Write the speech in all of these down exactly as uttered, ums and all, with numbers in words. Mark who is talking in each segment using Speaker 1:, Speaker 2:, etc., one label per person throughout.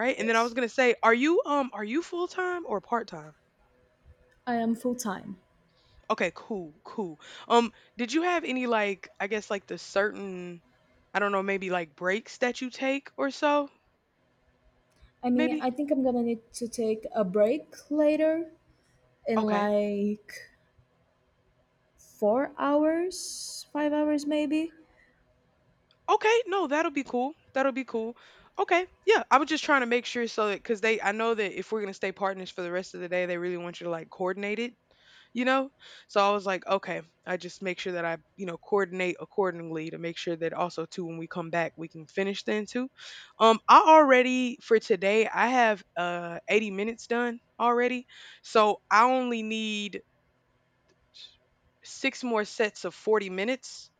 Speaker 1: Right? And then I
Speaker 2: Yes,
Speaker 1: was gonna say, are you um are you full time or part time?
Speaker 2: I am full time.
Speaker 1: Okay, cool, cool. Um, did you have any like I guess like the certain I don't know, maybe like breaks that you take or so?
Speaker 2: I mean, I
Speaker 1: Maybe?
Speaker 2: think I'm gonna need to take a break later in
Speaker 1: Okay.
Speaker 2: like four hours, five hours maybe.
Speaker 1: Okay, no, that'll be cool. That'll be cool. Okay. Yeah, I was just trying to make sure so that cuz they I know that if we're going to stay partners for the rest of the day, they really want you to like coordinate it, you know? So I was like, okay, I just make sure that I, you know, coordinate accordingly to make sure that also too when we come back we can finish then too. Um I already for today I have uh eighty minutes done already. So I only need six more sets of forty minutes.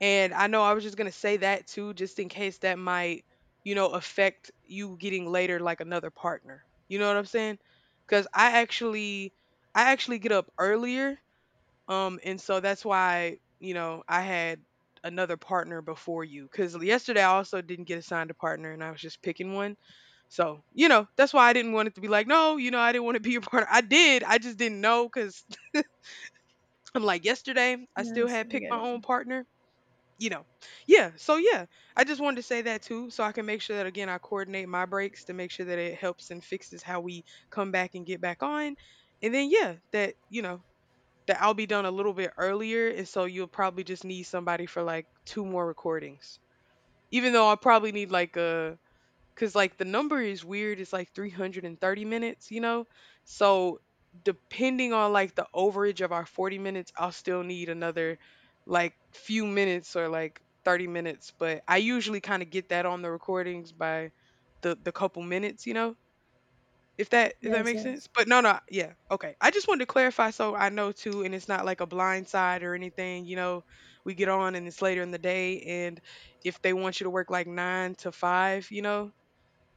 Speaker 1: And I know I was just going to say that too, just in case that might, you know, affect you getting later like another partner. You know what I'm saying? Because I actually, I actually get up earlier, um, and so that's why, you know, I had another partner before you because yesterday I also didn't get assigned a partner and I was just picking one. So, you know, that's why I didn't want it to be like, no, you know, I didn't want to be your partner. I did. I just didn't know because I'm like yesterday, I still
Speaker 2: Yes,
Speaker 1: had
Speaker 2: I
Speaker 1: picked
Speaker 2: get
Speaker 1: my
Speaker 2: it.
Speaker 1: own partner, you know. Yeah. So, yeah, I just wanted to say that too. So I can make sure that, again, I coordinate my breaks to make sure that it helps and fixes how we come back and get back on. And then, yeah, that, you know, that I'll be done a little bit earlier, and so you'll probably just need somebody for like two more recordings. Even though I probably need like a because like the number is weird, it's like three hundred thirty minutes, you know? So depending on like the overage of our forty minutes, I'll still need another like few minutes or like thirty minutes. But I usually kind of get that on the recordings by the the couple minutes, you know? If that if that
Speaker 2: Yes,
Speaker 1: makes
Speaker 2: yes.
Speaker 1: sense? But no, no, yeah, okay. I just wanted to clarify so I know too, and it's not like a blind side or anything. You know, we get on and it's later in the day, and if they want you to work like nine to five, you know,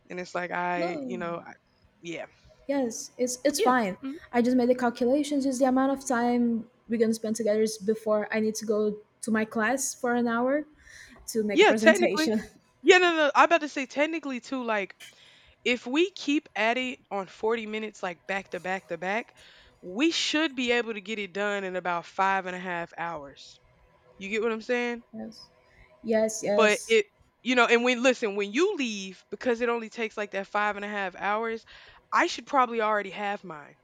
Speaker 1: and it's like I,
Speaker 2: No.
Speaker 1: you know, I, yeah,
Speaker 2: Yes, it's it's
Speaker 1: yeah,
Speaker 2: fine.
Speaker 1: mhm.
Speaker 2: I just made the calculations. Just the amount of time we're gonna spend together is before I need to go to my class for an hour to make a
Speaker 1: Yeah. Technically,
Speaker 2: presentation.
Speaker 1: yeah, no, no. no, I'm about to say technically too, like if we keep at it on forty minutes, like back to back to back, we should be able to get it done in about five and a half hours. You get what I'm saying?
Speaker 2: Yes. Yes,
Speaker 1: But
Speaker 2: yes,
Speaker 1: it you know and when listen when you leave because it only takes like that five and a half hours I should probably already have mine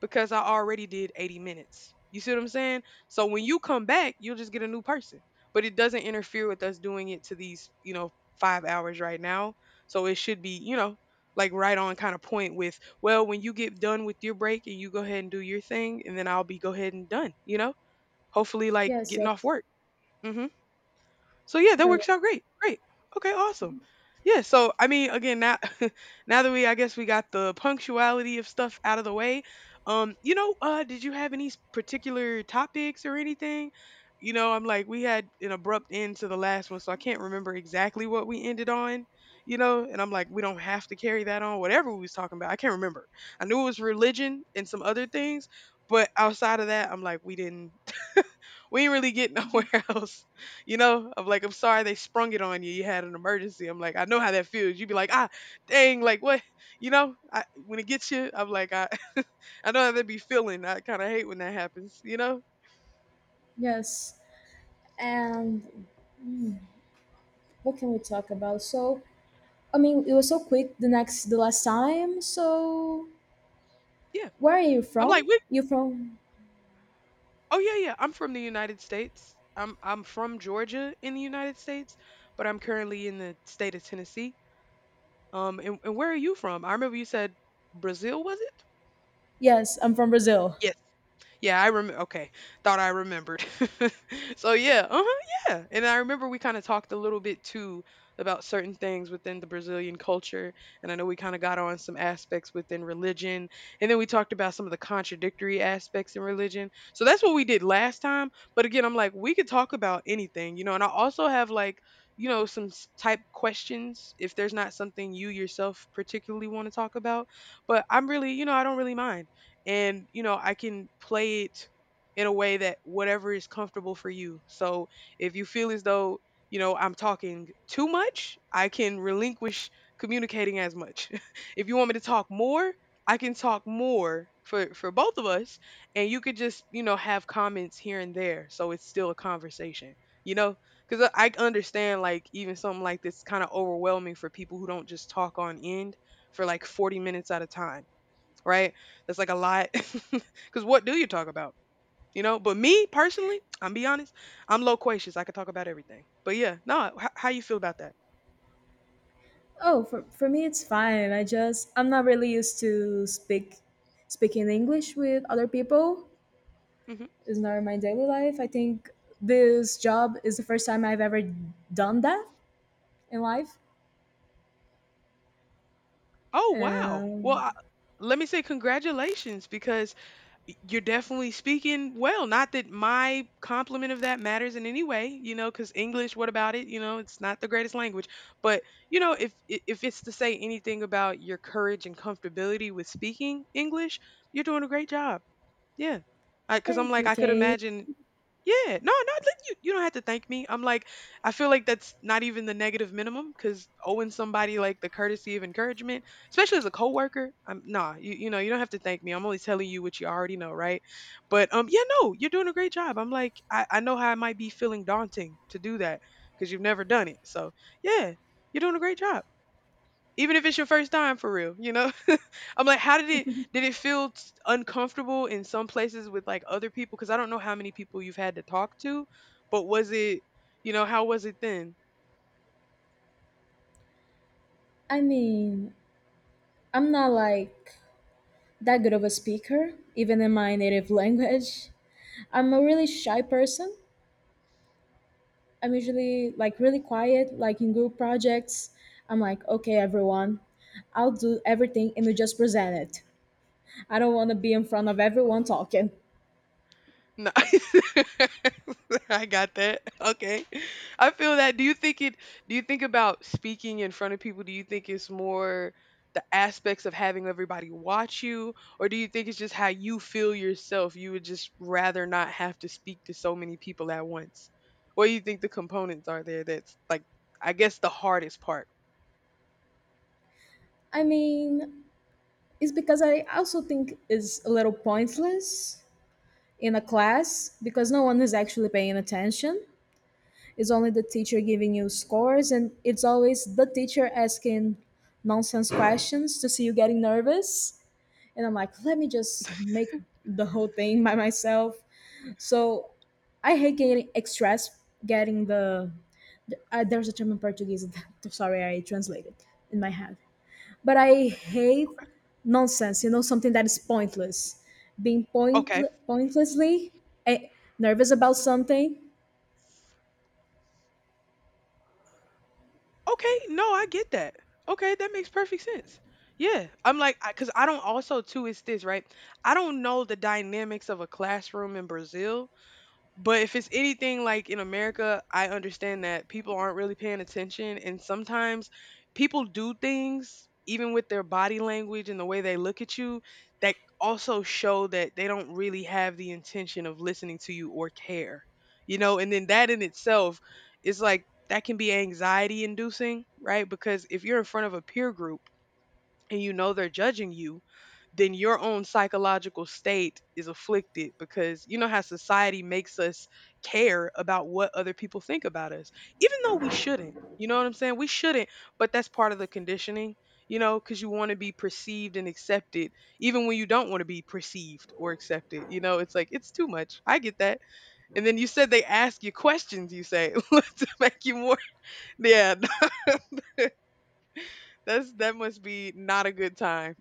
Speaker 1: because I already did eighty minutes you see what I'm saying so when you come back you'll just get a new person but it doesn't interfere with us doing it to these you know five hours right now so it should be you know like right on kind of point with well when you get done with your break and you go ahead and do your thing and then I'll be go ahead and done you know hopefully like
Speaker 2: yes,
Speaker 1: getting off
Speaker 2: yes,
Speaker 1: work. Hmm. So yeah, that
Speaker 2: totally.
Speaker 1: works out great. Great. Okay, awesome. Yeah, so I mean again now now that we I guess we got the punctuality of stuff out of the way, um you know, uh did you have any s- particular topics or anything? You know, I'm like we had an abrupt end to the last one, so I can't remember exactly what we ended on, you know, and I'm like we don't have to carry that on whatever we was talking about. I can't remember. I knew it was religion and some other things, but outside of that, I'm like we didn't we ain't really get nowhere else. You know, I'm like, I'm sorry they sprung it on you. You had an emergency. I'm like, I know how that feels. You'd be like, ah, dang, like what? You know, I, when it gets you, I'm like, I, I know how that be feeling. I kind of hate when that happens. You know?
Speaker 2: Yes, and mm. What can we talk about? So, I mean, it was so quick the next the last time. So,
Speaker 1: Yeah.
Speaker 2: where are you
Speaker 1: I'm
Speaker 2: from?
Speaker 1: like, what?
Speaker 2: You from?
Speaker 1: Oh yeah, yeah. I'm from the United States. I'm I'm from Georgia in the United States, but I'm currently in the state of Tennessee. Um, and, and where are you from? I remember you said Brazil, was it?
Speaker 2: Yes, I'm from Brazil.
Speaker 1: Yes. Yeah, I remember. Okay, thought I remembered. So yeah, uh-huh, yeah. And I remember we kind of talked a little bit too about certain things within the Brazilian culture, and I know we kind of got on some aspects within religion, and then we talked about some of the contradictory aspects in religion. So that's what we did last time. But again, I'm like, we could talk about anything, you know. And I also have like, you know, some s- type questions if there's not something you yourself particularly want to talk about. But I'm really, you know, I don't really mind and you know I can play it in a way that whatever is comfortable for you so if you feel as though you know I'm talking too much I can relinquish communicating as much if you want me to talk more I can talk more for for both of us and you could just you know have comments here and there so it's still a conversation you know because i I understand like even something like this kind of overwhelming for people who don't just talk on end for like forty minutes at a time, right? That's like a lot. Because what do you talk about? You know, but me personally, I'm be honest, I'm loquacious. I could talk about everything. But yeah, no, h- how you feel about that?
Speaker 2: Oh, for for me it's fine. I just I'm not really used to speak speaking English with other people.
Speaker 1: Hmm.
Speaker 2: It's not in my daily life. I think this job is the first time I've ever done that in life.
Speaker 1: Oh wow. Well,
Speaker 2: And
Speaker 1: I, let me say congratulations because y- you're definitely speaking well. Not that my compliment of that matters in any way, you know, because English, what about it? You know, it's not the greatest language. But you know, if i- if it's to say anything about your courage and comfortability with speaking English, you're doing a great job. Yeah. I because I'm
Speaker 2: thank
Speaker 1: like
Speaker 2: you,
Speaker 1: I could
Speaker 2: Kate.
Speaker 1: imagine. Yeah, no, no, like, you you don't have to thank me. I'm like I feel like that's not even the negative minimum because owing somebody like the courtesy of encouragement, especially as a coworker, I'm nah, you you know you don't have to thank me. I'm only telling you what you already know, right? But um, yeah, no, you're doing a great job. I'm like I I know how it might be feeling daunting to do that because you've never done it. So yeah, you're doing a great job, even if it's your first time for real, you know. I'm like, how did it did it feel t- uncomfortable in some places with like other people? Because I don't know how many people you've had to talk to, but was it, you know, how was it then?
Speaker 2: I mean, I'm not like that good of a speaker, even in my native language. I'm a really shy person. I'm usually like really quiet, like in group projects. I'm like, okay, everyone, I'll do everything and you just present it. I don't want to be in front of everyone talking.
Speaker 1: Nice. I got that. Okay. I feel that. Do you think it do you think about speaking in front of people, do you think it's more the aspects of having everybody watch you or do you think it's just how you feel yourself? You would just rather not have to speak to so many people at once. What do you think the components are there that's like I guess the hardest part?
Speaker 2: I mean, it's because I also think it's a little pointless in a class because no one is actually paying attention. It's only the teacher giving you scores, and it's always the teacher asking nonsense questions to see you getting nervous. And I'm like, let me just make the whole thing by myself. So I hate getting stressed, getting the. Uh, there's a term in Portuguese. Sorry, I translated in my head. But I hate nonsense, you know, something that is pointless. Being point,
Speaker 1: Okay.
Speaker 2: Pointlessly eh, nervous about something.
Speaker 1: Okay, no, I get that. Okay, that makes perfect sense. Yeah, I'm like, I, cause I don't also too. It's this right? I don't know the dynamics of a classroom in Brazil, but if it's anything like in America, I understand that people aren't really paying attention. And sometimes people do things, even with their body language and the way they look at you, that also show that they don't really have the intention of listening to you or care. You know, and then that in itself is like, that can be anxiety inducing, right? Because if you're in front of a peer group, and you know they're judging you, then your own psychological state is afflicted because you know how society makes us care about what other people think about us, even though we shouldn't. You know what I'm saying? We shouldn't, but that's part of the conditioning, you know, because you want to be perceived and accepted, even when you don't want to be perceived or accepted. You know, it's like, it's too much. I get that. And then you said they ask you questions, you say, to make you more. Yeah, that's that must be not a good time.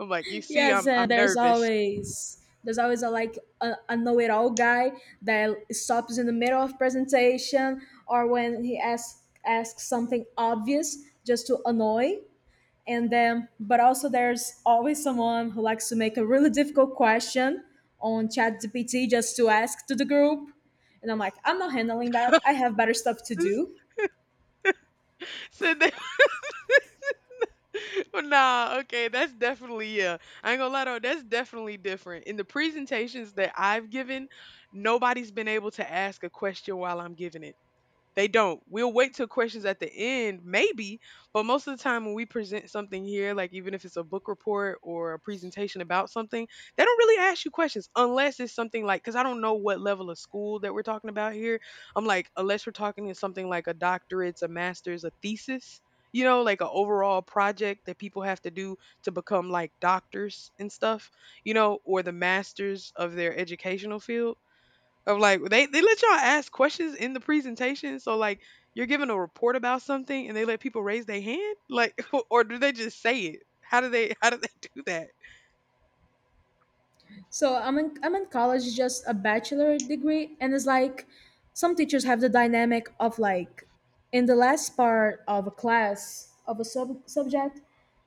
Speaker 1: I'm like, you see,
Speaker 2: Yes,
Speaker 1: I'm
Speaker 2: and
Speaker 1: I'm
Speaker 2: there's
Speaker 1: nervous.
Speaker 2: always there's always a like a, a know-it-all guy that stops in the middle of presentation or when he asks asks something obvious just to annoy. And then, but also there's always someone who likes to make a really difficult question on ChatGPT just to ask to the group. And I'm like, I'm not handling that. I have better stuff to do.
Speaker 1: So they, well, nah, okay, that's definitely yeah. I ain't gonna lie though, that's definitely different. In the presentations that I've given, nobody's been able to ask a question while I'm giving it. They don't. We'll wait till questions at the end, maybe, but most of the time when we present something here, like even if it's a book report or a presentation about something, they don't really ask you questions unless it's something like, because I don't know what level of school that we're talking about here. I'm like, unless we're talking to something like a doctorate's, a master's, a thesis, you know, like an overall project that people have to do to become like doctors and stuff, you know, or the masters of their educational field of like they they let y'all ask questions in the presentation. So like you're giving a report about something and they let people raise their hand, like or do they just say it? How do they how do they do that?
Speaker 2: So I'm in I'm in college, just a bachelor degree, and it's like some teachers have the dynamic of like in the last part of a class of a sub- subject,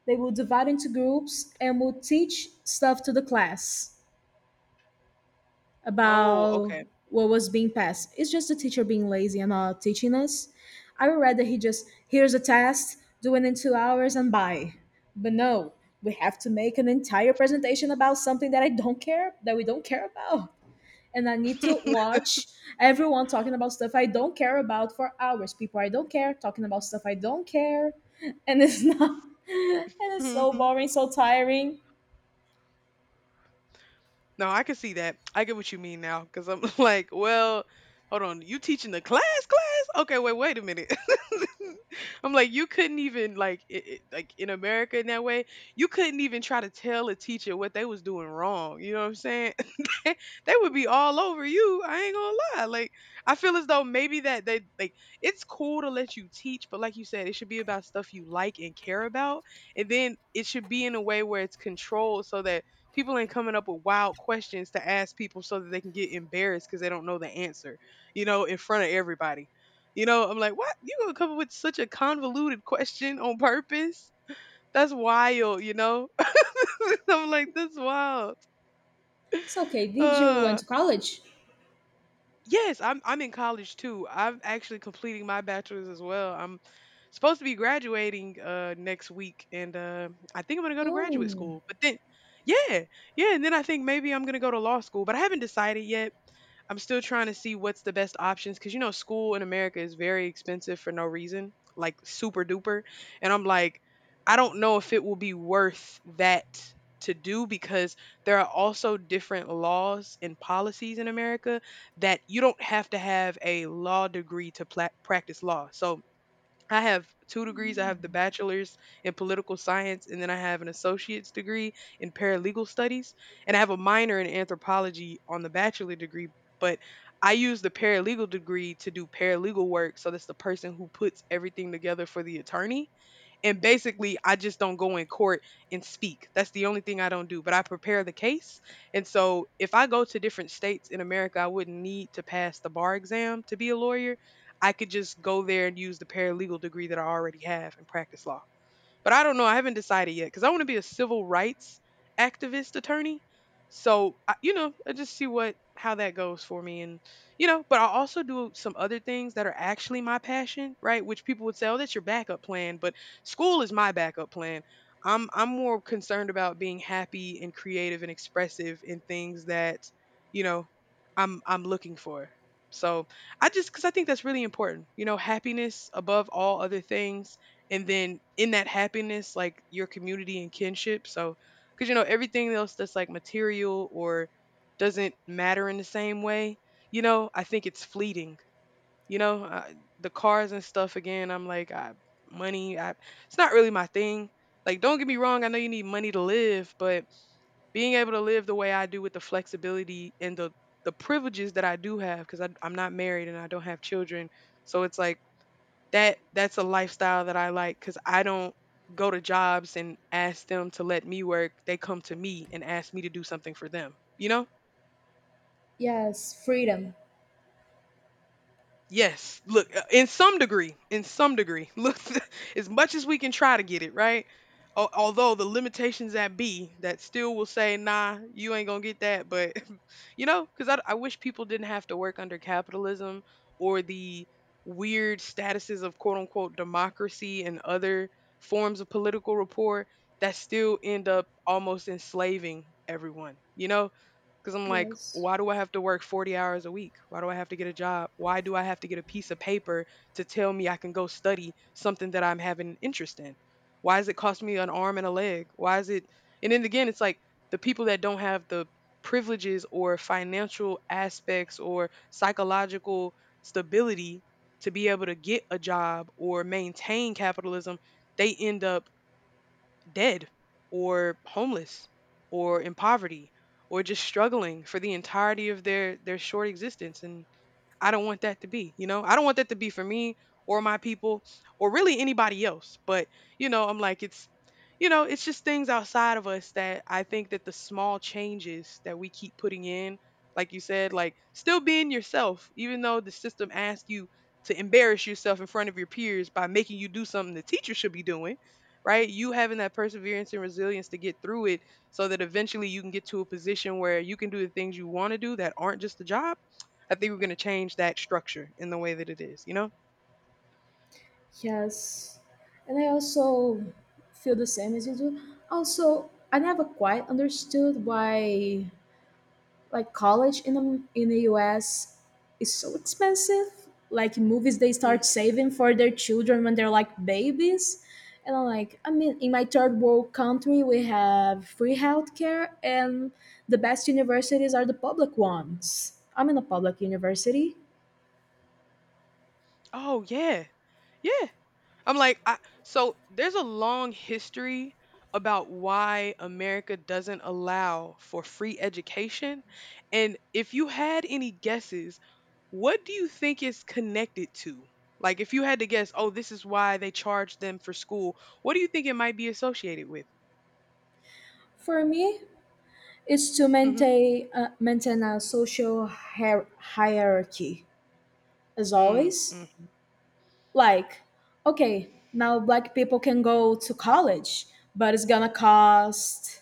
Speaker 2: they will divide into groups and will teach stuff to the class
Speaker 1: Oh,
Speaker 2: about what was being passed. It's just the teacher being lazy and not teaching us. I would rather he just here's a test, do it in two hours, and bye. But no, we have to make an entire presentation about something that I don't care that we don't care about and I need to watch everyone talking about stuff I don't care about for hours. People I don't care talking about stuff I don't care, and it's not. And it's
Speaker 1: okay.
Speaker 2: so boring, so tiring.
Speaker 1: No, I can see that. I get what you mean now because I'm like, well, hold on. You teaching the class, class? Okay, wait, wait a minute. I'm like, you couldn't even like, it, it- like in America in that way, you couldn't even try to tell a teacher what they was doing wrong. You know what I'm saying? they they would be all over you. I ain't gonna lie. Like, I feel as though maybe that they like it's cool to let you teach, but like you said, it should be about stuff you like and care about, and then it should be in a way where it's controlled so that people ain't coming up with wild questions to ask people so that they can get embarrassed because they don't know the answer, you know, in front of everybody. You know, I'm like, what? You gonna come up with such a convoluted question on purpose? That's wild, you know? I'm like, that's wild.
Speaker 2: It's okay. Did you went
Speaker 1: Uh
Speaker 2: to college?
Speaker 1: yes, I'm I'm in college too. I'm actually completing my bachelor's as well. I'm supposed to be graduating uh next week and uh I think I'm gonna go to graduate
Speaker 2: Oh,
Speaker 1: school. But then yeah, yeah, and then I think maybe I'm gonna go to law school, but I haven't decided yet. I'm still trying to see what's the best options because you know school in America is very expensive for no reason, like super duper. And I'm like, I don't know if it will be worth that to do because there are also different laws and policies in America that you don't have to have a law degree to pla- practice law. So I have two degrees. I have the bachelor's in political science, and then I have an associate's degree in paralegal studies. And I have a minor in anthropology on the bachelor degree, but I use the paralegal degree to do paralegal work. So that's the person who puts everything together for the attorney. And basically, I just don't go in court and speak. That's the only thing I don't do, but I prepare the case. And so if I go to different states in America, I wouldn't need to pass the bar exam to be a lawyer. I could just go there and use the paralegal degree that I already have and practice law. But I don't know. I haven't decided yet because I want to be a civil rights activist attorney. So I, you know, I just see what how that goes for me, and you know. But I also do some other things that are actually my passion, right? Which people would say, "Oh, that's your backup plan," but school is my backup plan. I'm I'm more concerned about being happy and creative and expressive in things that you know I'm I'm looking for. So I just because I think that's really important. You know, happiness above all other things, and then in that happiness like your community and kinship, so because you know everything else that's like material or doesn't matter in the same way, you know I think it's fleeting, you know uh, the cars and stuff again I'm like I, money I, it's not really my thing, like don't get me wrong, I know you need money to live, but being able to live the way I do with the flexibility and the the privileges that I do have because I'm not married and I don't have children, so it's like that that's a lifestyle that I like because I don't go to jobs and ask them to let me work. They come to me and ask me to do something for them. You know?
Speaker 2: yes, freedom.
Speaker 1: Yes. Look, uh, in some degree, in some degree, look, as much as we can try to get it right. al- Although the limitations that be that still will say, nah, you ain't gonna get that. But you know, because I, I wish people didn't have to work under capitalism or the weird statuses of quote unquote democracy and other forms of political rapport that still end up almost enslaving everyone. You know, because I'm like,
Speaker 2: Yes,
Speaker 1: why do I have to work forty hours a week? Why do I have to get a job? Why do I have to get a piece of paper to tell me I can go study something that I'm having interest in? Why does it cost me an arm and a leg? Why is it? And then again, it's like the people that don't have the privileges or financial aspects or psychological stability to be able to get a job or maintain capitalism, they end up dead or homeless or in poverty or just struggling for the entirety of their their short existence, and I don't want that to be, you know? I don't want that to be for me or my people or really anybody else. But, you know, I'm like, it's, you know, it's just things outside of us that I think that the small changes that we keep putting in, like you said, like still being yourself, even though the system asks you to embarrass yourself in front of your peers by making you do something the teacher should be doing, right? You having that perseverance and resilience to get through it so that eventually you can get to a position where you can do the things you want to do that aren't just a job. I think we're gonna change that structure in the way that it is, you know?
Speaker 2: yes. And I also feel the same as you do. Also, I never quite understood why. Like college in the in the U S is so expensive. Like movies, they start
Speaker 1: Mhm.
Speaker 2: saving for their children when they're like babies, and I'm like, I mean, in my third world country, we have free healthcare, and the best universities are the public ones. I'm in a public university.
Speaker 1: Oh yeah. Yeah. I'm like I, so there's a long history about why America doesn't allow for free education. And if you had any guesses, what do you think it's connected to? Like if you had to guess, oh, this is why they charge them for school, what do you think it might be associated with?
Speaker 2: For me, it's to
Speaker 1: Mhm.
Speaker 2: maintain uh, maintain a social hier- hierarchy as
Speaker 1: Mm,
Speaker 2: always.
Speaker 1: mhm.
Speaker 2: Like, okay, now black people can go to college, but it's gonna cost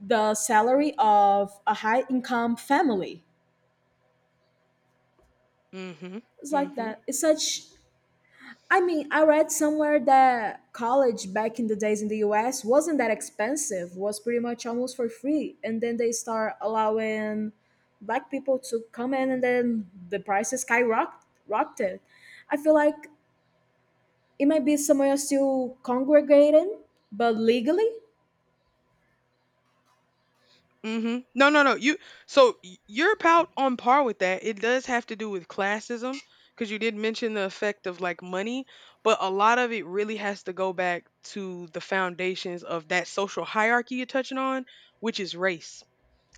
Speaker 2: the salary of a high income family.
Speaker 1: Mhm.
Speaker 2: It's like
Speaker 1: Mhm.
Speaker 2: that. It's such. I mean, I read somewhere that college back in the days in the U S wasn't that expensive, was pretty much almost for free. And then they start allowing black people to come in and then the prices skyrocketed. I feel like it might be somewhere still congregating, but legally,
Speaker 1: Hmm. No, no, no. You so y- you're about on par with that. It does have to do with classism because you did mention the effect of like money, but a lot of it really has to go back to the foundations of that social hierarchy you're touching on, which is race.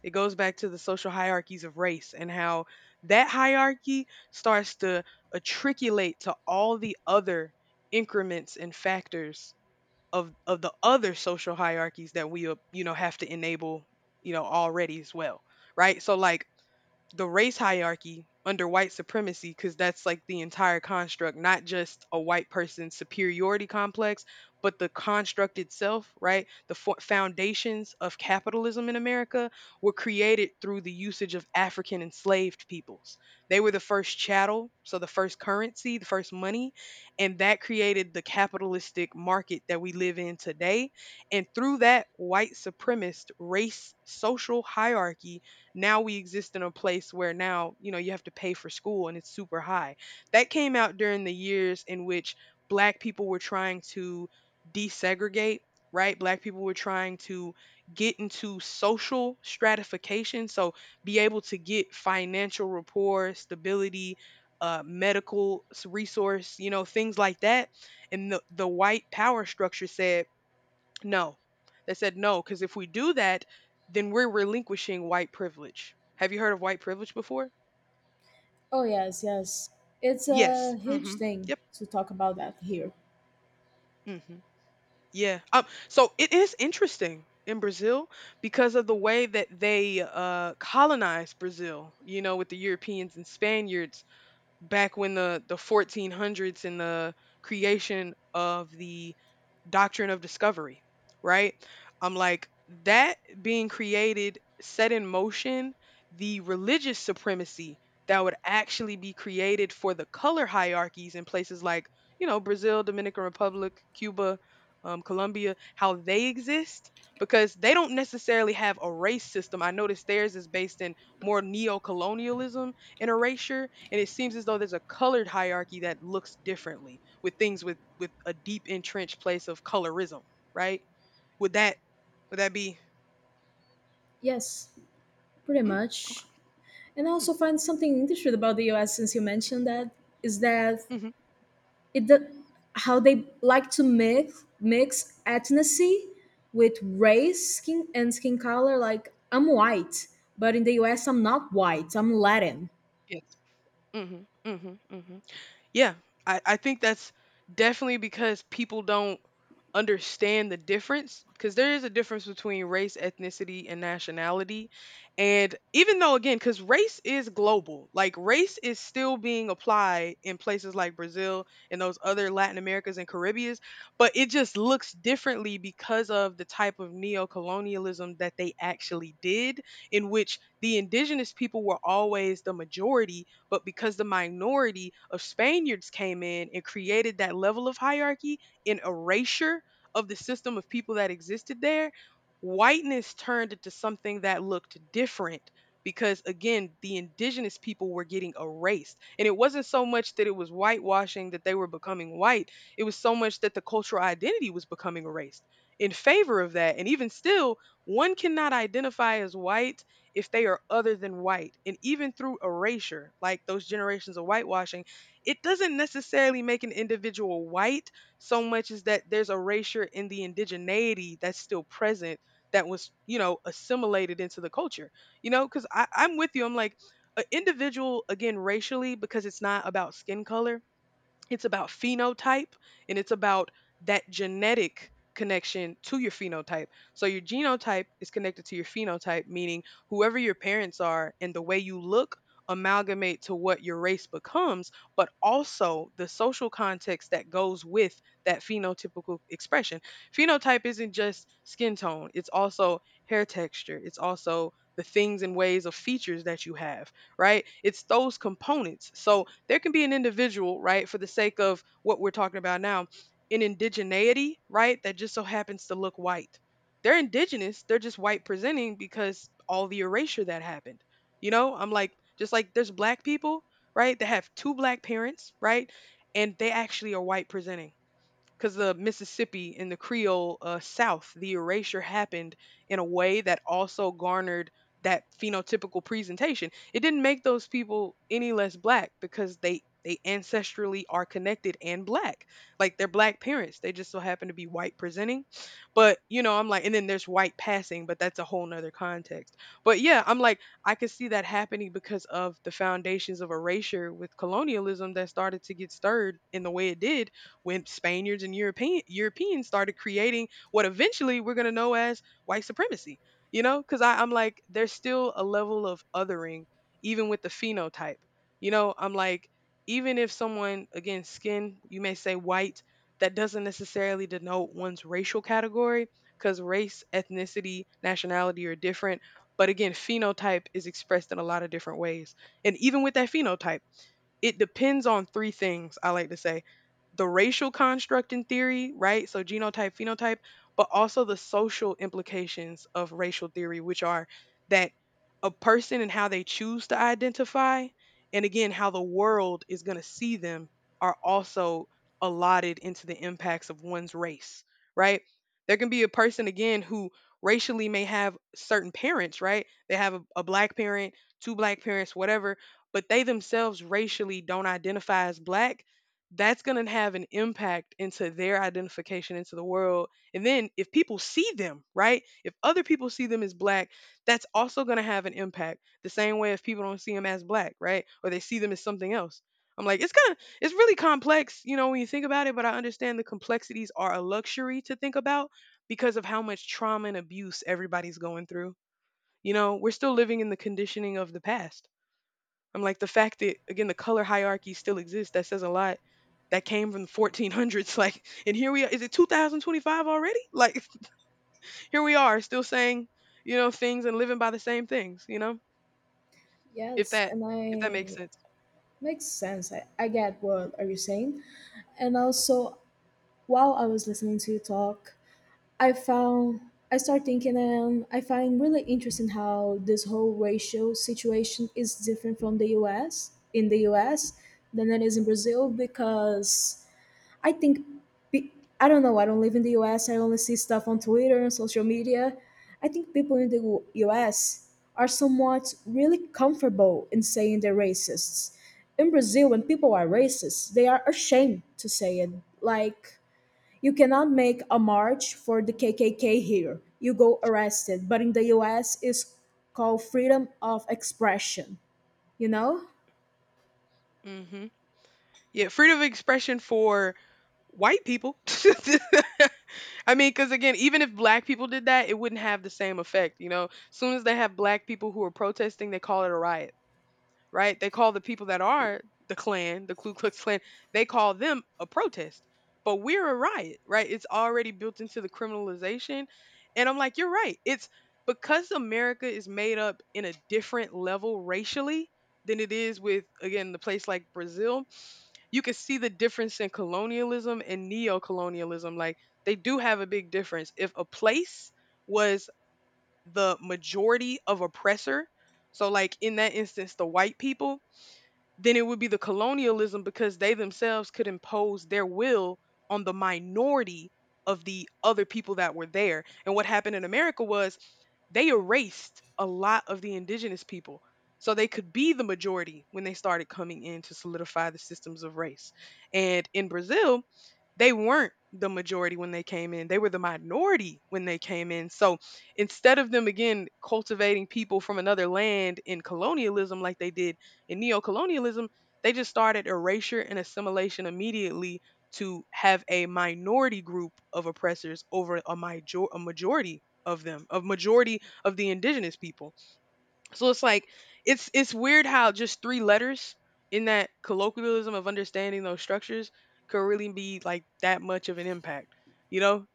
Speaker 1: It goes back to the social hierarchies of race and how that hierarchy starts to attriculate to all the other increments and factors of of the other social hierarchies that we uh, you know have to enable, you know, already as well, right, so like the race hierarchy under white supremacy, because that's like the entire construct, not just a white person's superiority complex, but the construct itself, right, the fo- foundations of capitalism in America were created through the usage of African enslaved peoples. They were the first chattel, so the first currency, the first money, and that created the capitalistic market that we live in today. And through that white supremacist race social hierarchy, now we exist in a place where now, you know, you have to pay for school and it's super high. That came out during the years in which black people were trying to desegregate, right? Black people were trying to get into social stratification, so be able to get financial rapport, stability, uh, medical s- resource, you know, things like that. And the, the white power structure said, no. They said no, because if we do that, then we're relinquishing white privilege. Have you heard of white privilege before?
Speaker 2: oh, yes, yes. It's a
Speaker 1: Yes.
Speaker 2: huge
Speaker 1: Hmm.
Speaker 2: thing
Speaker 1: Yep.
Speaker 2: to talk about that here.
Speaker 1: Hmm. Yeah. Um, so it is interesting in Brazil because of the way that they uh, colonized Brazil, you know, with the Europeans and Spaniards back when the, the fourteen hundreds and the creation of the doctrine of discovery, right? I'm like, that being created set in motion the religious supremacy that would actually be created for the color hierarchies in places like, you know, Brazil, Dominican Republic, Cuba, um, Colombia, how they exist. Because they don't necessarily have a race system. I noticed theirs is based in more neo-colonialism and erasure, and it seems as though there's a colored hierarchy that looks differently with things with with a deep entrenched place of colorism, right? Would that would that be?
Speaker 2: Yes, pretty
Speaker 1: Mm,
Speaker 2: much. And I
Speaker 1: mm,
Speaker 2: also find something interesting about the U S since you mentioned that is that
Speaker 1: hmm
Speaker 2: it the, how they like to mix mix ethnicity with race, skin and skin color. Like I'm white, but in the U S I'm not white. I'm Latin.
Speaker 1: yes. hmm hmm hmm Yeah, I, I think that's definitely because people don't understand the difference because there is a difference between race, ethnicity, and nationality. And even though, again, because race is global, like race is still being applied in places like Brazil and those other Latin Americas and Caribbeans, but it just looks differently because of the type of neo colonialism that they actually did, in which the indigenous people were always the majority, but because the minority of Spaniards came in and created that level of hierarchy in erasure of the system of people that existed there, whiteness turned into something that looked different because, again, the indigenous people were getting erased, and it wasn't so much that it was whitewashing that they were becoming white, it was so much that the cultural identity was becoming erased in favor of that. And even still, one cannot identify as white if they are other than white. And even through erasure, like those generations of whitewashing, it doesn't necessarily make an individual white so much as that there's erasure in the indigeneity that's still present, that was, you know, assimilated into the culture. You know, because I'm with you. I'm like, an individual, again, racially, because it's not about skin color, it's about phenotype, and it's about that genetic connection to your phenotype. So your genotype is connected to your phenotype, meaning whoever your parents are and the way you look amalgamate to what your race becomes, but also the social context that goes with that phenotypical expression. Phenotype isn't just skin tone, it's also hair texture, it's also the things and ways of features that you have, right? It's those components. So there can be an individual, right, for the sake of what we're talking about now, an indigeneity, right, that just so happens to look white. They're indigenous, they're just white presenting because all the erasure that happened. You know, I'm like, just like there's black people, right, that have two black parents, right, and they actually are white presenting because the Mississippi in the Creole uh, South, the erasure happened in a way that also garnered that phenotypical presentation. It didn't make those people any less black because they they ancestrally are connected and black. Like they're black parents. They just so happen to be white presenting. But you know, I'm like, and then there's white passing, but that's a whole nother context. But yeah, I'm like, I could see that happening because of the foundations of erasure with colonialism that started to get stirred in the way it did when Spaniards and European Europeans started creating what eventually we're going to know as white supremacy. You know, because I'm like, there's still a level of othering, even with the phenotype. You know, I'm like, even if someone, again, skin, you may say white, that doesn't necessarily denote one's racial category, because race, ethnicity, nationality are different. But again, phenotype is expressed in a lot of different ways. And even with that phenotype, it depends on three things I like to say: the racial construct in theory, right? So genotype, phenotype, but also the social implications of racial theory, which are that a person and how they choose to identify, and again how the world is going to see them, are also allotted into the impacts of one's race, right? There can be a person, again, who racially may have certain parents, right? They have a, a black parent, two black parents, whatever, but they themselves racially don't identify as black, that's going to have an impact into their identification into the world. And then if people see them, right? If other people see them as black, that's also going to have an impact. The same way if people don't see them as black, right? Or they see them as something else. I'm like, it's kind of, it's really complex, you know, when you think about it, but I understand the complexities are a luxury to think about because of how much trauma and abuse everybody's going through. You know, we're still living in the conditioning of the past. I'm like, the fact that again the color hierarchy still exists, that says a lot. That came from the fourteen hundreds, like, and here we are. Is it two thousand twenty-five already? Like, here we are, still saying, you know, things and living by the same things. You know, if
Speaker 2: Yes,
Speaker 1: that
Speaker 2: and
Speaker 1: if that makes
Speaker 2: I
Speaker 1: sense.
Speaker 2: makes sense. I, I get what are you saying. And also, while I was listening to you talk, I found I start thinking and I find really interesting how this whole racial situation is different from the U S in the U S than it is in Brazil because I think pe- I don't know, I don't live in the U S, I only see stuff on Twitter and social media. I think people in the U- US are somewhat really comfortable in saying they're racists. In Brazil, when people are racist they are ashamed to say it. Like, you cannot make a march for the K K K here. You go arrested. But in the U S, it's called freedom of expression, you know?
Speaker 1: Hmm Yeah, freedom of expression for white people. I mean, because again, even if black people did that, it wouldn't have the same effect. You know, as soon as they have black people who are protesting, they call it a riot. Right? They call the people that are the Klan, the Ku Klux Klan, they call them a protest. But we're a riot, right? It's already built into the criminalization. And I'm like, you're right. It's because America is made up in a different level racially than it is with, again, the place like Brazil. You can see the difference in colonialism and neo colonialism. Like, they do have a big difference. If a place was the majority of oppressor, so like in that instance, the white people, then it would be the colonialism because they themselves could impose their will on the minority of the other people that were there. And what happened in America was they erased a lot of the indigenous people so they could be the majority when they started coming in to solidify the systems of race. And in Brazil, they weren't the majority when they came in. They were the minority when they came in. So instead of them, again, cultivating people from another land in colonialism like they did, in neocolonialism, they just started erasure and assimilation immediately to have a minority group of oppressors over a, major- a majority of them, of majority of the indigenous people. So it's like it's it's weird how just three letters in that colloquialism of understanding those structures could really be like that much of an impact, you know?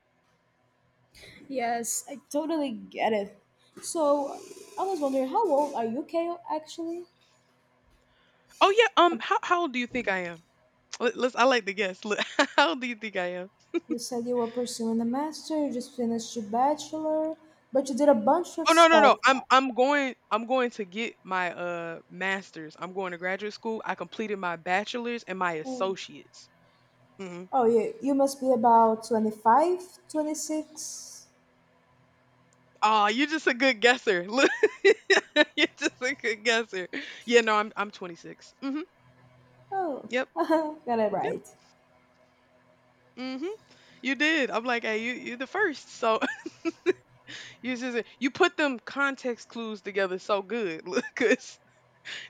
Speaker 2: Yes, I totally get it. So I was wondering, how old are you, Kale, actually?
Speaker 1: Oh yeah, um
Speaker 2: Um,
Speaker 1: how how old do you think I am? Let, let's I like to guess. How old do you think I am?
Speaker 2: You said you were pursuing a master, you just finished your bachelor, but you did a bunch of
Speaker 1: Oh no no no.
Speaker 2: stuff.
Speaker 1: I'm I'm going I'm going to get my uh master's. I'm going to graduate school. I completed my bachelor's and my
Speaker 2: Oh,
Speaker 1: associates. Mm-hmm.
Speaker 2: oh you, you must be about twenty-five, twenty-six.
Speaker 1: Oh, you're just a good guesser. Look, you're just a good guesser. Yeah, no, I'm I'm twenty-six. Mm-hmm.
Speaker 2: Oh,
Speaker 1: Yep.
Speaker 2: got it
Speaker 1: Yep.
Speaker 2: right.
Speaker 1: Mm-hmm. You did. I'm like, hey, you you're the first. So you just you put them context clues together so good. Look, 'cause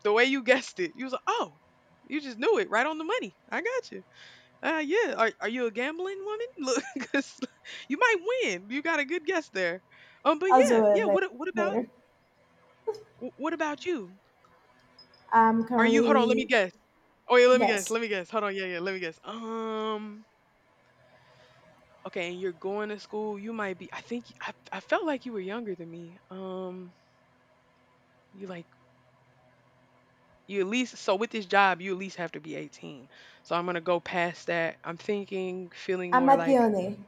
Speaker 1: the way you guessed it, you was like, oh, you just knew it right on the money. I got you. Uh, yeah. Are are you a gambling woman? Look, 'cause you might win. You got a good guess there. Um, but
Speaker 2: I'll
Speaker 1: yeah,
Speaker 2: do it
Speaker 1: yeah.
Speaker 2: la-
Speaker 1: What a- what about
Speaker 2: Later.
Speaker 1: wh- what about you?
Speaker 2: I'm
Speaker 1: Are you? Hold on. Let
Speaker 2: currently
Speaker 1: me guess. Oh yeah. Let me guess.
Speaker 2: yes,
Speaker 1: Let me guess. Hold on. Yeah, yeah. Let me guess. Um. Okay. And you're going to school. You might be. I think I I felt like you were younger than me. Um. You like you at least, so with this job you at least have to be eighteen. So I'm gonna go past that. I'm thinking, feeling
Speaker 2: I'm
Speaker 1: more
Speaker 2: at the
Speaker 1: like,
Speaker 2: uni.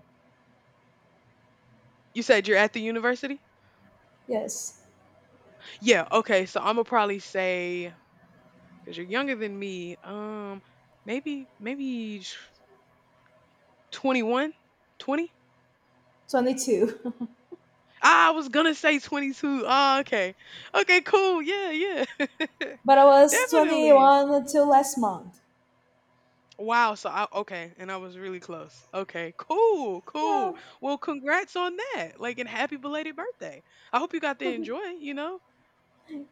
Speaker 1: you said you're at the university.
Speaker 2: Yes,
Speaker 1: Yeah, okay. So I'm gonna probably say, because you're younger than me. Um, maybe maybe twenty one, twenty.
Speaker 2: twenty-two,
Speaker 1: Ah, I was gonna say twenty-two. Ah, okay, okay, cool. Yeah, yeah,
Speaker 2: but I was
Speaker 1: definitely.
Speaker 2: twenty-one until last month.
Speaker 1: Wow. So I okay, and I was really close. Okay, cool,
Speaker 2: Yeah.
Speaker 1: cool. Well, congrats on that. Like, and happy belated birthday. I hope you got to enjoy. You know.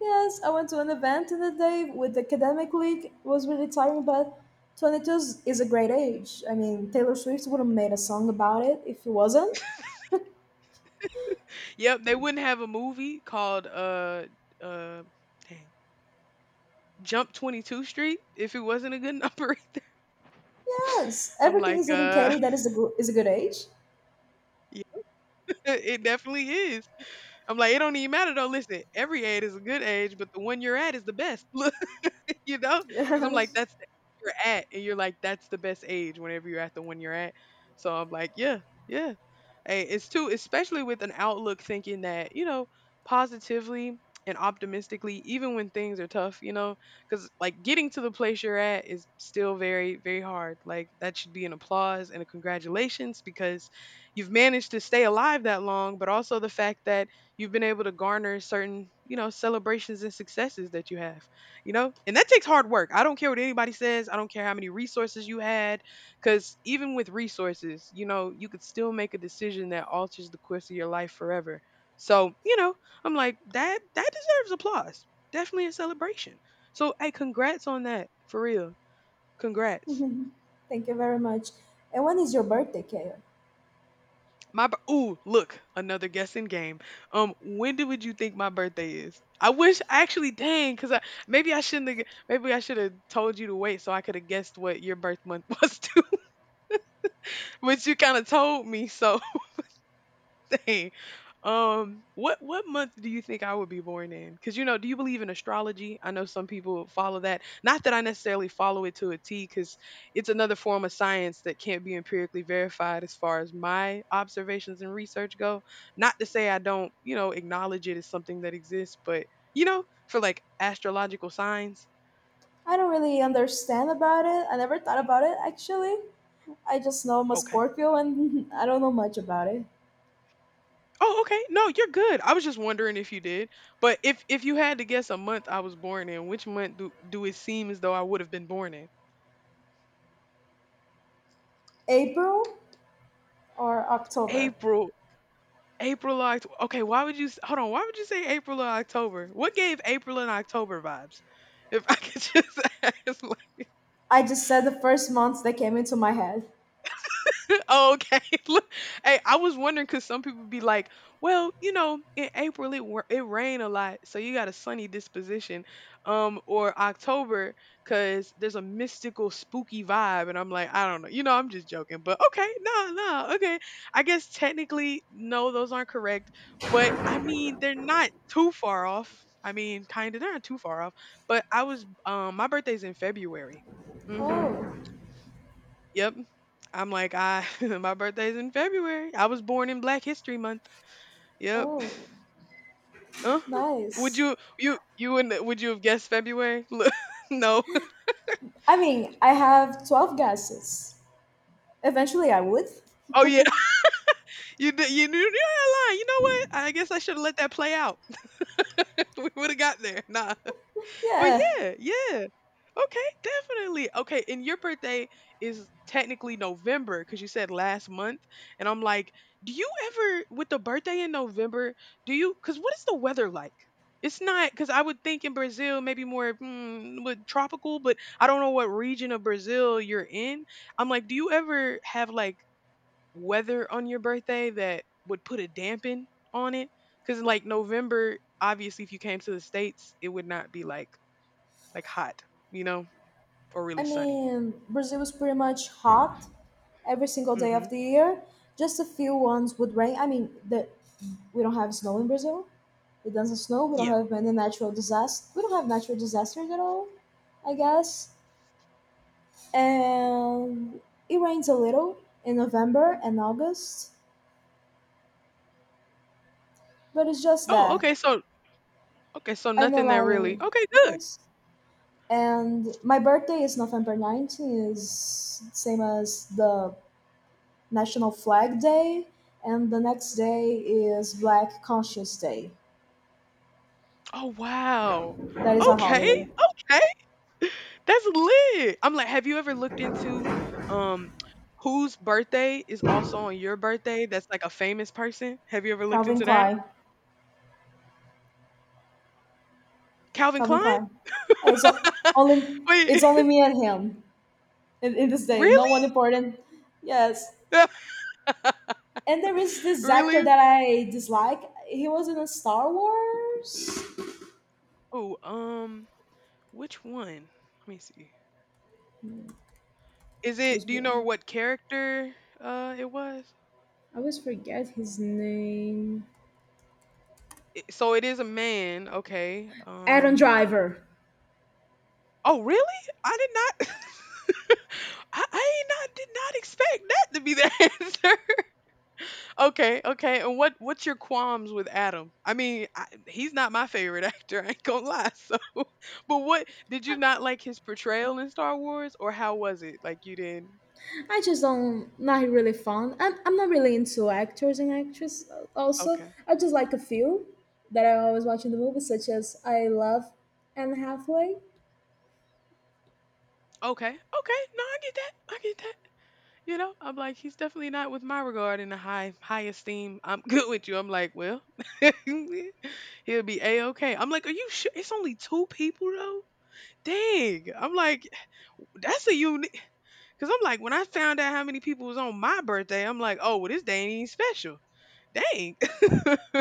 Speaker 2: Yes, I went to an event in the day with the academic league. It was really tiring, but twenty-two is is a great age. I mean, Taylor Swift would have made a song about it if it wasn't.
Speaker 1: Yep. They wouldn't have a movie called uh uh dang Jump twenty-two Street if it wasn't a good number. Either.
Speaker 2: Yes,
Speaker 1: I'm
Speaker 2: everything
Speaker 1: like
Speaker 2: is
Speaker 1: uh.
Speaker 2: indicated that is a good is a good age.
Speaker 1: It definitely is. I'm like, it don't even matter though. Listen, every age is a good age, but the one you're at is the best. you know? Because I'm like,
Speaker 2: Yes.
Speaker 1: that's the age you're at, and you're like, that's the best age whenever you're at the one you're at. So I'm like, yeah, yeah. Hey, it's too, especially with an outlook thinking that you know positively and optimistically, even when things are tough, you know, because like getting to the place you're at is still very, very hard. Like that should be an applause and a congratulations because you've managed to stay alive that long, but also the fact that you've been able to garner certain you know celebrations and successes that you have you know and that takes hard work. I don't care what anybody says, I don't care how many resources you had, because even with resources, you know, you could still make a decision that alters the course of your life forever. So you know, I'm like, that that deserves applause, definitely a celebration. So hey, congrats on that, for real. Congrats.
Speaker 2: Thank you very much. And when is your birthday, Kale?
Speaker 1: My b- ooh, look, another guessing game. um when do would you think my birthday is? I wish, actually, dang, because I maybe I shouldn't have. Maybe I should have told you to wait so I could have guessed what your birth month was. Which you kind of told me. So, dang. Um, what what month do you think I would be born in? Because you know, do you believe in astrology? I know some people follow that. Not that I necessarily follow it to a T, because it's another form of science that can't be empirically verified as far as my observations and research go. Not to say I don't, you know, acknowledge it as something that exists, but you know, for like astrological signs,
Speaker 2: I don't really understand about it. I never thought about it actually. I just know I'm a
Speaker 1: okay.
Speaker 2: Scorpio and I don't know much about it.
Speaker 1: Oh, okay. No, you're good. I was just wondering if you did. But if if you had to guess a month I was born in, which month do do it seem as though I would have been born in?
Speaker 2: April or October?
Speaker 1: April. April or October. Okay, why would you s- hold on? Why would you say April or October? What gave April and October vibes? If I could just ask, like,
Speaker 2: I just said the first months that came into my head.
Speaker 1: okay. Look, hey, I was wondering because some people be like, well, you know, in April it wa- it rained a lot, so you got a sunny disposition, um, or October because there's a mystical, spooky vibe, and I'm like, I don't know, you know, I'm just joking, but okay, no, no, okay, I guess technically, no, those aren't correct, but I mean, they're not too far off. I mean, kind of, they're not too far off, but I was, um, my birthday's in February. Hmm.
Speaker 2: Oh,
Speaker 1: Yep. I'm like, I my birthday's in February. I was born in Black History Month. Yep.
Speaker 2: oh,
Speaker 1: Uh-huh. Would
Speaker 2: nice.
Speaker 1: you you you wouldn't uh, would you have guessed February? Look, no.
Speaker 2: I mean, I have twelve gases. Eventually, I would.
Speaker 1: Oh yeah. You did, you knew, you're not lying. You know what? I guess I should have let that play out. We would have got there. Nah. But
Speaker 2: Yeah,
Speaker 1: yeah, yeah. Okay, definitely. Okay, and your birthday is technically November because you said last month. And I'm like, do you ever, with the birthday in November, do you, because what is the weather like? It's not, because I would think in Brazil, maybe more mm, with tropical, but I don't know what region of Brazil you're in. I'm like, do you ever have like weather on your birthday that would put a dampen on it? Because like November, obviously, if you came to the States, it would not be like, like hot, you know? Or
Speaker 2: I
Speaker 1: really sunny.
Speaker 2: mean, Brazil was pretty much hot every single day of
Speaker 1: Mhm.
Speaker 2: the year. Just a few ones would rain. I mean, the we don't have snow in Brazil. It doesn't snow. We don't
Speaker 1: Yeah.
Speaker 2: have many natural disasters. We don't have natural disasters at all, I guess. And it rains a little in November and August, but it's just
Speaker 1: Oh,
Speaker 2: that.
Speaker 1: okay, so okay, so
Speaker 2: I know,
Speaker 1: nothing that
Speaker 2: like,
Speaker 1: really okay, good.
Speaker 2: yes. And my birthday is November nineteenth, is same as the National Flag Day, and the next day is Black Conscious Day.
Speaker 1: Oh, wow.
Speaker 2: That is a
Speaker 1: Okay,
Speaker 2: holiday.
Speaker 1: okay. That's lit. I'm like, have you ever looked into, um, whose birthday is also on your birthday that's, like, a famous person? Have you ever looked
Speaker 2: Calvin
Speaker 1: into that?
Speaker 2: Klein.
Speaker 1: Calvin
Speaker 2: Calvin
Speaker 1: Klein?
Speaker 2: Klein. Yeah, it's o- only
Speaker 1: Wait,
Speaker 2: it's only me and him in, in this day. No one
Speaker 1: really?
Speaker 2: important. Yes. And there is this actor
Speaker 1: Really?
Speaker 2: that I dislike. He was in a Star Wars.
Speaker 1: Oh, um, which one? Let me see. Is
Speaker 2: Was
Speaker 1: it, do you know
Speaker 2: born.
Speaker 1: what character, uh, it was?
Speaker 2: I always forget his name.
Speaker 1: So it is a man, okay.
Speaker 2: Adam
Speaker 1: Um.
Speaker 2: Driver.
Speaker 1: Oh, really? I did not I, I not did not expect that to be the answer. Okay, okay. And what what's your qualms with Adam? I mean, I, he's not my favorite actor, I ain't going to lie. So, but what did you not like his portrayal in Star Wars, or how was it? Like you didn't.
Speaker 2: I just don't not really fond. I'm, I'm not really into actors and actresses. Also,
Speaker 1: Okay.
Speaker 2: I just like a few that I always watch in the movies, such as I love Anne Hathaway.
Speaker 1: Okay. Okay. No, I get that. I get that. You know, I'm like, he's definitely not with my regard in the high high esteem. I'm good with you. I'm like, well, he'll be a okay. I'm like, are you sure? It's only two people though. Dang. I'm like, that's a unique. Cause I'm like, when I found out how many people was on my birthday, I'm like, oh, well, this day ain't even special. Dang.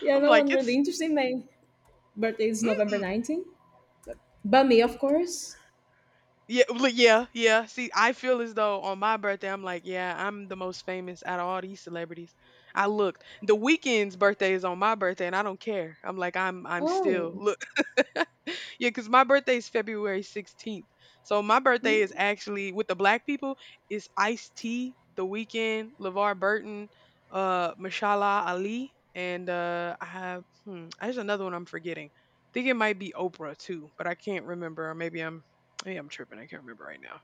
Speaker 2: Yeah,
Speaker 1: I'm
Speaker 2: no one
Speaker 1: like,
Speaker 2: really
Speaker 1: it's.
Speaker 2: interesting. My birthday is November
Speaker 1: Mm-mm.
Speaker 2: 19th. But me, of course.
Speaker 1: Yeah, well, yeah, yeah. See, I feel as though on my birthday, I'm like, yeah, I'm the most famous out of all these celebrities. I looked. The Weekend's birthday is on my birthday, and I don't care. I'm like, I'm, I'm still
Speaker 2: Oh.
Speaker 1: look. Yeah, because my birthday is February sixteenth. So my birthday is actually with the black people is Ice T, The Weekend, LeVar Burton, uh, Mashallah Ali, and uh, I have hmm, there's another one I'm forgetting. I think it might be Oprah too, but I can't remember, or maybe I'm maybe I'm tripping. I can't remember right now.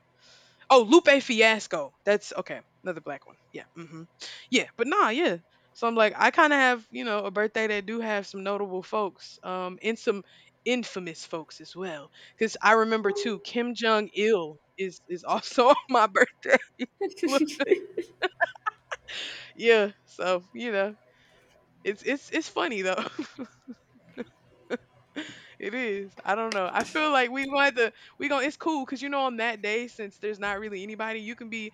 Speaker 1: Oh, Lupe Fiasco. That's okay. Another black one. Yeah. Hmm. Yeah. But nah, yeah. So I'm like, I kind of have, you know, a birthday that do have some notable folks, um, and some infamous folks as well. Cause I remember too, Kim Jong Il is is also on my birthday. Look, yeah. So you know, it's it's it's funny though. It is. I don't know. I feel like we want to. We going. It's cool because you know on that day, since there's not really anybody, you can be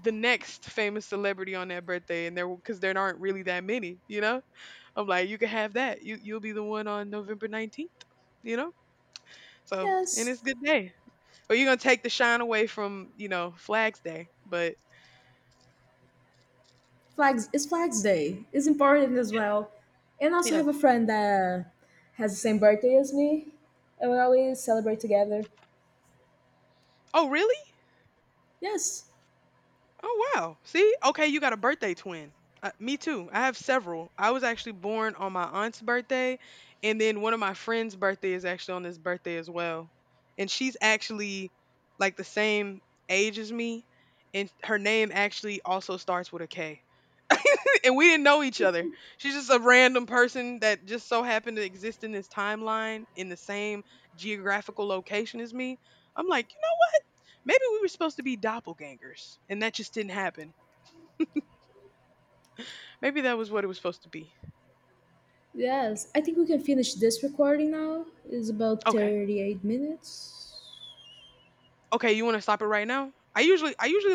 Speaker 1: the next famous celebrity on that birthday, and there because there aren't really that many. You know, I'm like, you can have that. You you'll be the one on November nineteenth. You know, so and
Speaker 2: Yes.
Speaker 1: it's a good day. Or you're gonna take the shine away from you know Flags Day, but
Speaker 2: Flags it's Flags Day. It's important as well. And I also
Speaker 1: yeah.
Speaker 2: have a friend that has the same birthday as me, and we always celebrate together.
Speaker 1: Oh really?
Speaker 2: Yes,
Speaker 1: Oh wow. See? Okay, you got a birthday twin. Uh, me too. I have several. I was actually born on my aunt's birthday, and then one of my friends' birthday is actually on this birthday as well. And she's actually like the same age as me, and her name actually also starts with a K. And we didn't know each other. She's just a random person that just so happened to exist in this timeline in the same geographical location as me. I'm like, you know, maybe we were supposed to be doppelgangers and that just didn't happen. Maybe that was what it was supposed to be.
Speaker 2: yes. I think we can finish this recording now. It's about
Speaker 1: Okay.
Speaker 2: thirty-eight minutes.
Speaker 1: Okay, you want to stop it right now? I usually I usually